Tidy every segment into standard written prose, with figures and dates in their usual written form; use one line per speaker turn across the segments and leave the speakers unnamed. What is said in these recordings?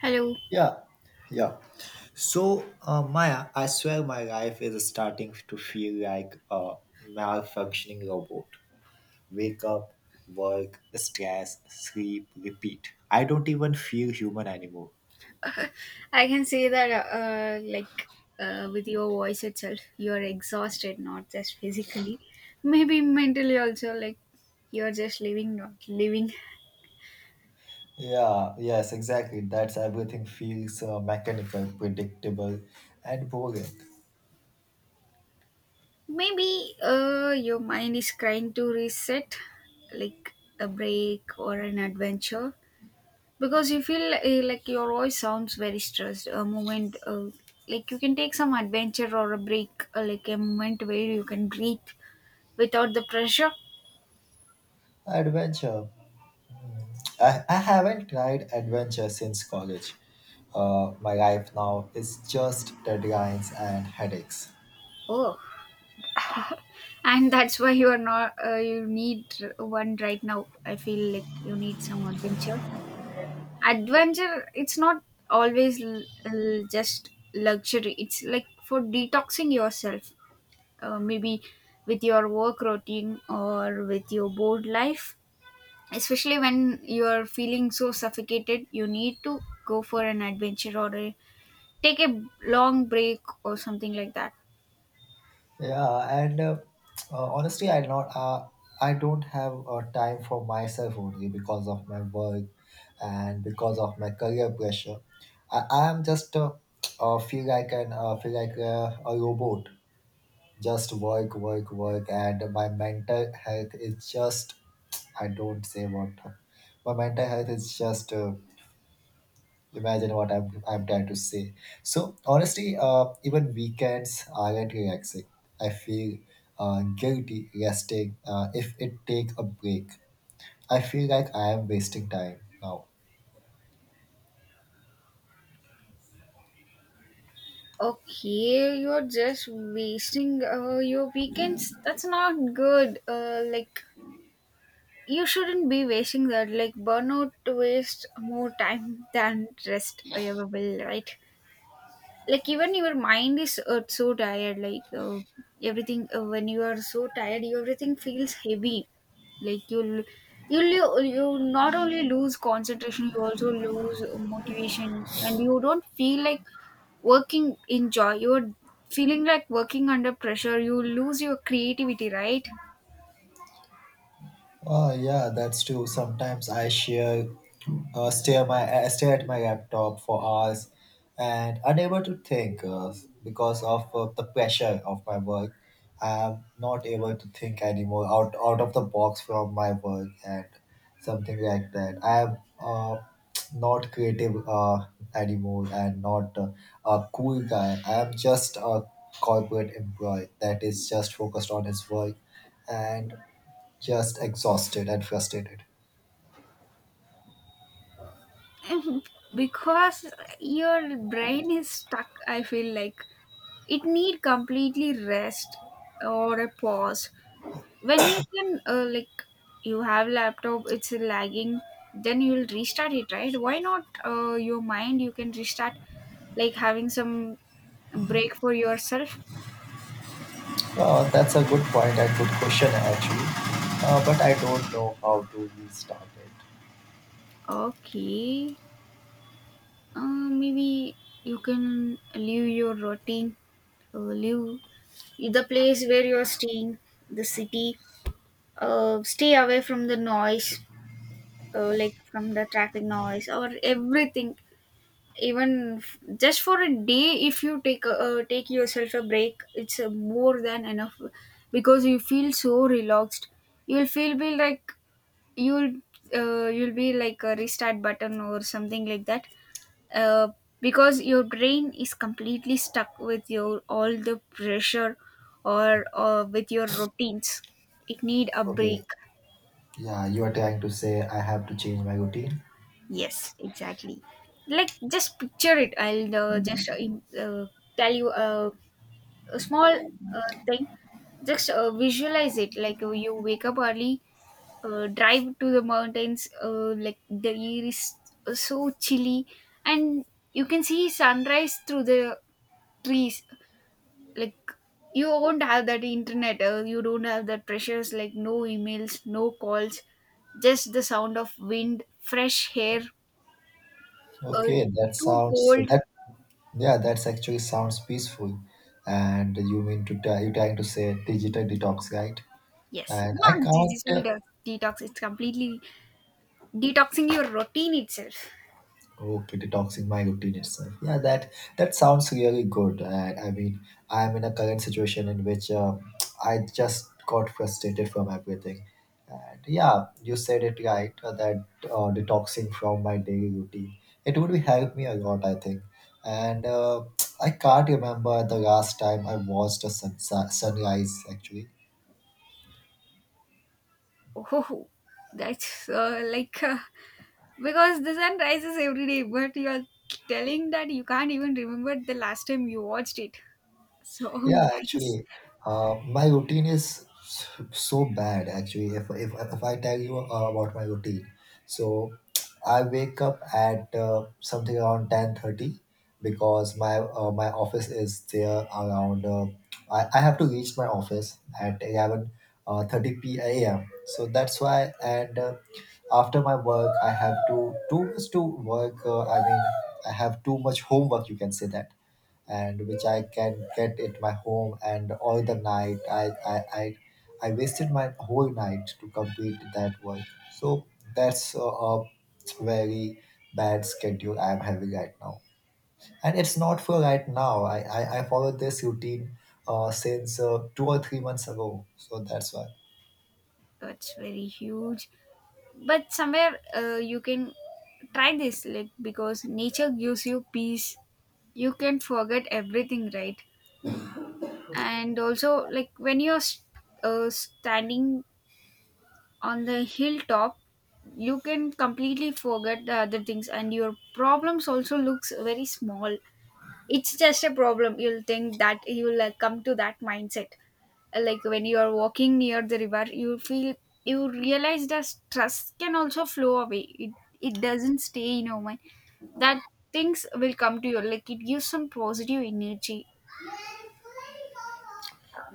Hello.
Yeah, yeah. So, Maya, I swear my life is starting to feel like a malfunctioning robot. Wake up, work, stress, sleep, repeat. I don't even feel human anymore.
I can say that, with your voice itself, you're exhausted, not just physically. Maybe mentally also, you're just living, not living.
Yeah, yes, exactly. That's everything feels mechanical, predictable, and boring.
Maybe your mind is trying to reset, like a break or an adventure. Because you feel like your voice sounds very stressed. A moment, you can take some adventure or a break, like a moment where you can breathe without the pressure.
Adventure. I haven't tried adventure since college. My life now is just deadlines and headaches.
Oh. And that's why you are not, you need one right now. I feel like you need some adventure. Adventure, it's not always just luxury. It's like for detoxing yourself, maybe with your work routine or with your bored life, especially when you are feeling so suffocated. You need to go for an adventure, or take a long break or something like that.
Yeah, and honestly, I don't have time for myself only because of my work and because of my career pressure. I am just feel like an feel like a robot, just work, work, work, and my mental health is just I don't say what my mental health is just. Imagine what I'm trying to say. So honestly, even weekends aren't relaxing. I feel guilty resting if it takes a break. I feel like I am wasting time now.
Okay, you're just wasting your weekends. That's not good. Like you shouldn't be wasting that. Like burnout waste more time than rest ever will, right? Like even your mind is so tired. Like everything when you are so tired, everything feels heavy. Like you not only lose concentration, you also lose motivation, and you don't feel like working in joy. You're feeling like working under pressure. You lose your creativity, right?
Yeah, that's true. Sometimes I share, stare my stare at my laptop for hours, and unable to think because of the pressure of my work. I'm not able to think anymore out of the box from my work and something like that. I'm uh, not creative anymore and not a cool guy. I'm just a corporate employee that is just focused on his work and just exhausted and frustrated.
Because your brain is stuck, I feel like it need completely rest or a pause. When you can you have laptop, it's lagging, then you'll restart it, right? Why not your mind? You can restart, like having some break for yourself.
That's a good point and good question actually. But I don't know how to restart it.
Okay, maybe you can leave your routine, leave the place where you're staying, the city, stay away from the noise, like from the traffic noise or everything. Even just for a day, if you take take yourself a break, it's more than enough, because you feel so relaxed. You'll feel be like you'll you'll be like a restart button or something like that, uh, because your brain is completely stuck with your all the pressure or with your routines. It need a
Okay.
break.
Yeah, you are trying to say I have to change my routine.
Yes, exactly. Like just picture it. I'll tell you a small thing. Just visualize it, like you wake up early, drive to the mountains, like the air is so chilly, and you can see sunrise through the trees. Like you won't have that internet, you don't have that pressures, like no emails, no calls, just the sound of wind, fresh air. Uh,
Okay, that
too
sounds
cold.
that. Yeah, that's actually sounds peaceful. And you mean to tell you trying to say digital detox, right?
Yes,
And I
not digital
can't.
detox. It's completely detoxing your routine itself.
Okay, detoxing my routine itself. Yeah, that sounds really good. And I mean, I'm in a current situation in which I just got frustrated from everything. And yeah, you said it right that detoxing from my daily routine it would be help me a lot, I think. And I can't remember the last time I watched a sunrise actually.
Oh, that's because the sun rises every day, but you're telling that you can't even remember the last time you watched it. So
Yeah,
nice.
actually, my routine is so bad. Actually, if I tell you about my routine, so I wake up at something around 10:30 because my office is there around. I have to reach my office at eleven thirty p a.m. So that's why and. After my work I have to too much to work I mean I have too much homework you can say that and which I can get at my home. And all the night, I wasted my whole night to complete that work. So that's a very bad schedule I'm having right now, and it's not for right now. I followed this routine since 2 or 3 months ago, so that's why.
That's very huge. But somewhere you can try this, like because nature gives you peace. You can forget everything, right? And also, like when you're standing on the hilltop, you can completely forget the other things, and your problems also looks very small. It's just a problem, you'll think that you'll come to that mindset. Like when you are walking near the river, you feel, you realize the stress can also flow away. it, it doesn't stay in your mind. That things will come to you, like it gives some positive energy.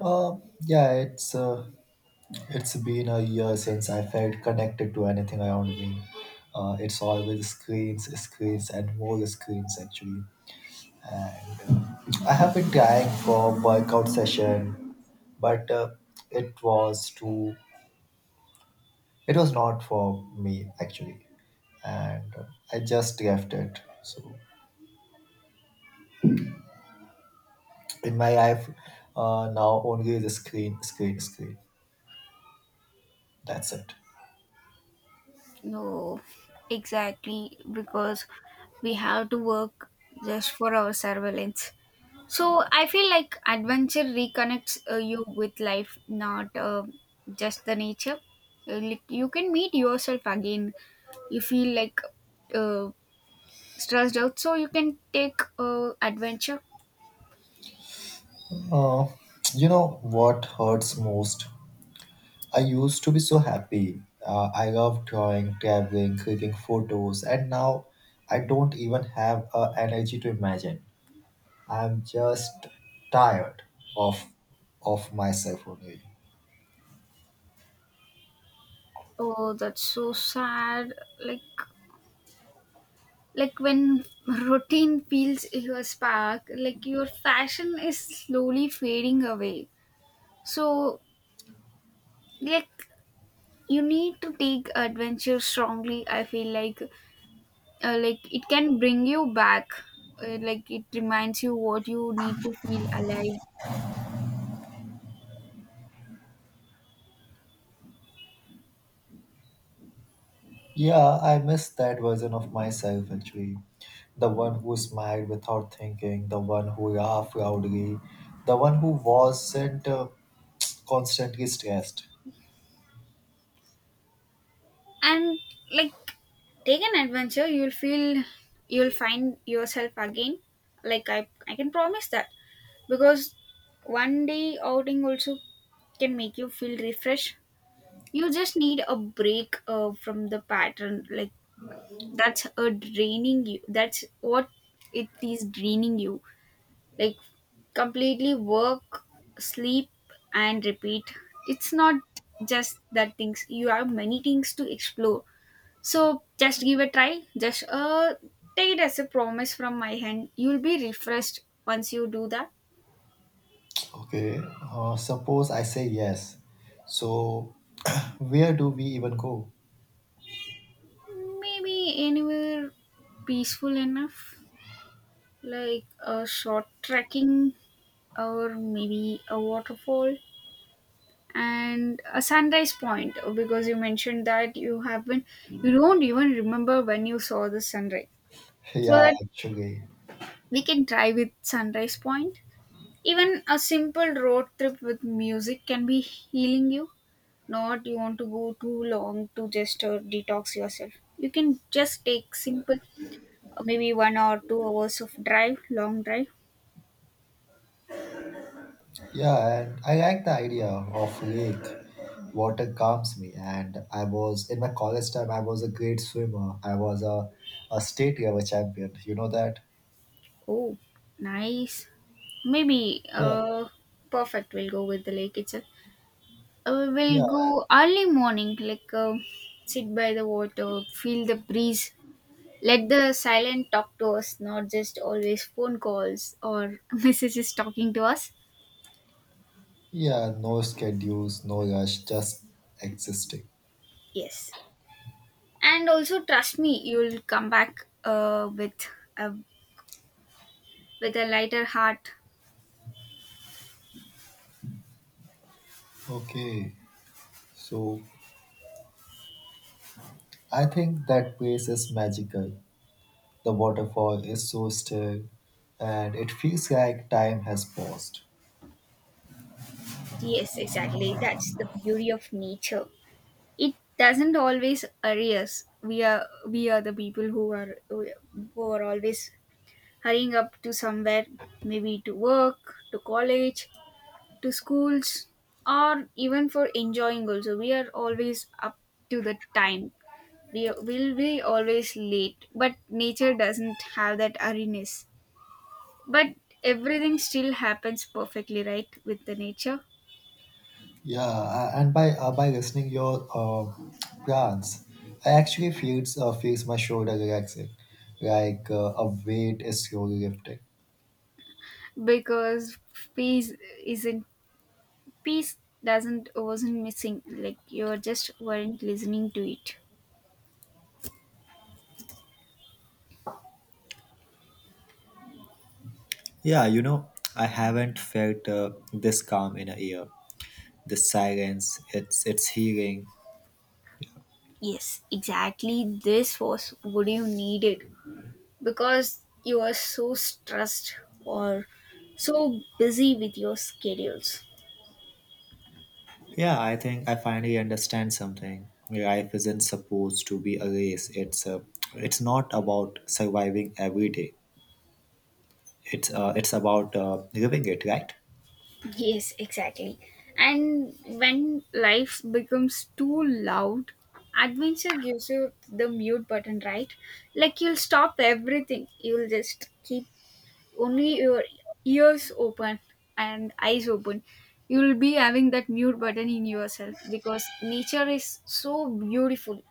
Uh, yeah, it's been a year since I felt connected to anything around me. It's always screens, screens, and more screens actually. And I have been trying for workout session, but it was too. It was not for me actually, and I just left it. So in my life, now only the screen, screen, screen. That's it.
No, exactly, because we have to work just for our surveillance. So I feel like adventure reconnects you with life, not just the nature. Like, you can meet yourself again. You feel like uh, stressed out, so you can take adventure.
Uh, you know what hurts most? I used to be so happy. I love drawing, traveling, clicking photos, and now I don't even have energy to imagine. I'm just tired of of myself only.
Oh, that's so sad. Like like when routine feels your spark, like your passion is slowly fading away. So like you need to take adventure strongly. I feel like it can bring you back, like it reminds you what you need to feel alive.
Yeah, I miss that version of myself actually. The one who smiled without thinking, the one who laughed loudly, the one who wasn't constantly stressed.
And like take an adventure, you'll feel, you'll find yourself again. Like I can promise that, because one day outing also can make you feel refreshed. You just need a break from the pattern, like that's a draining you. That's what it is, draining you. Like completely work, sleep, and repeat. It's not just that things. You have many things to explore. So just give a try. Just uh, take it as a promise from my hand, you'll be refreshed once you do that.
Okay, suppose I say yes. So, where do we even go?
Maybe anywhere peaceful enough, like a short trekking or maybe a waterfall and a sunrise point, because you mentioned that you don't even remember when you saw the sunrise. So
Yeah,
that
actually.
we can try with sunrise point. Even a simple road trip with music can be healing you. Not you want to go too long to just detox yourself. You can just take simple, maybe 1 or 2 hours of drive, long drive.
Yeah, and I like the idea of lake. Water calms me, and I was in my college time. I was a great swimmer. I was a state level champion. You know that?
Oh, nice. Maybe
Yeah,
perfect, we'll go with the lake itself. We'll
yeah,
go early morning, sit by the water, feel the breeze, let the silent talk to us, not just always phone calls or messages talking to us.
yeah. No schedules, no rush, just existing.
Yes, and also trust me, you'll come back a with a lighter heart.
Okay, so I think that place is magical. The waterfall is so still, and it feels like time has paused.
Yes, exactly. That's the beauty of nature. It doesn't always worry us. We are the people who are always hurrying up to somewhere, maybe to work, to college, to schools, or even for enjoying also. We are always up to the time. We will be always late, but nature doesn't have that hurriness. But everything still happens perfectly, right, with the nature.
Yeah, and by listening your plans, I actually feels feels my shoulder relaxing, like a weight is slowly lifting.
Because peace isn't peace doesn't wasn't missing, like you just weren't listening to it.
Yeah, you know, I haven't felt this calm in a year. The silence, it's healing.
Yes, exactly, this was what you needed, because you are so stressed or so busy with your schedules.
Yeah, I think I finally understand something. Life isn't supposed to be a race. It's it's not about surviving every day. It's it's about living it, right?
Yes, exactly. And when life becomes too loud, adventure gives you the mute button, right? Like you'll stop everything. You'll just keep only your ears open and eyes open. You'll be having that mute button in yourself because nature is so beautiful.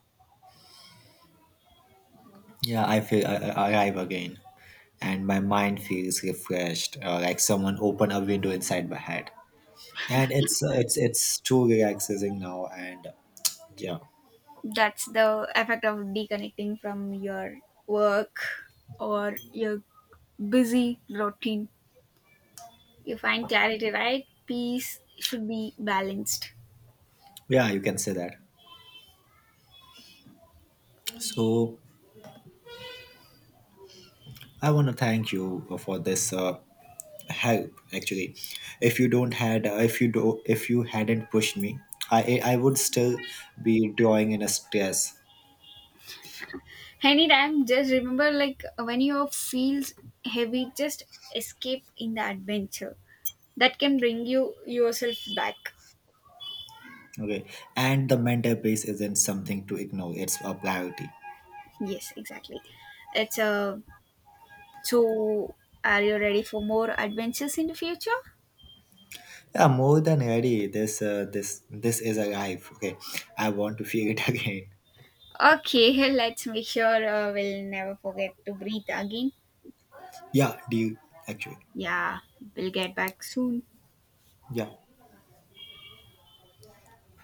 Yeah, I feel I arrive again, and my mind feels refreshed, like someone opened a window inside my head. And it's too relaxing now, and yeah,
That's the effect of deconnecting from your work or your busy routine. You find clarity, right? Peace should be balanced.
yeah, you can say that. So I want to thank you for this help. Actually, if you don't had if you do if you hadn't pushed me, I would still be drawing in a stress.
Anytime, just remember like when you feel heavy, just escape in the adventure. That can bring you yourself back.
Okay, and the mental base isn't something to ignore; it's a priority.
Yes, exactly. It's a, so are you ready for more adventures in the future?
Yeah, more than ready. This is a life. Okay, I want to feel it again.
Okay, let's make sure we'll never forget to breathe again.
Yeah, do you actually?
Yeah, we'll get back soon.
Yeah.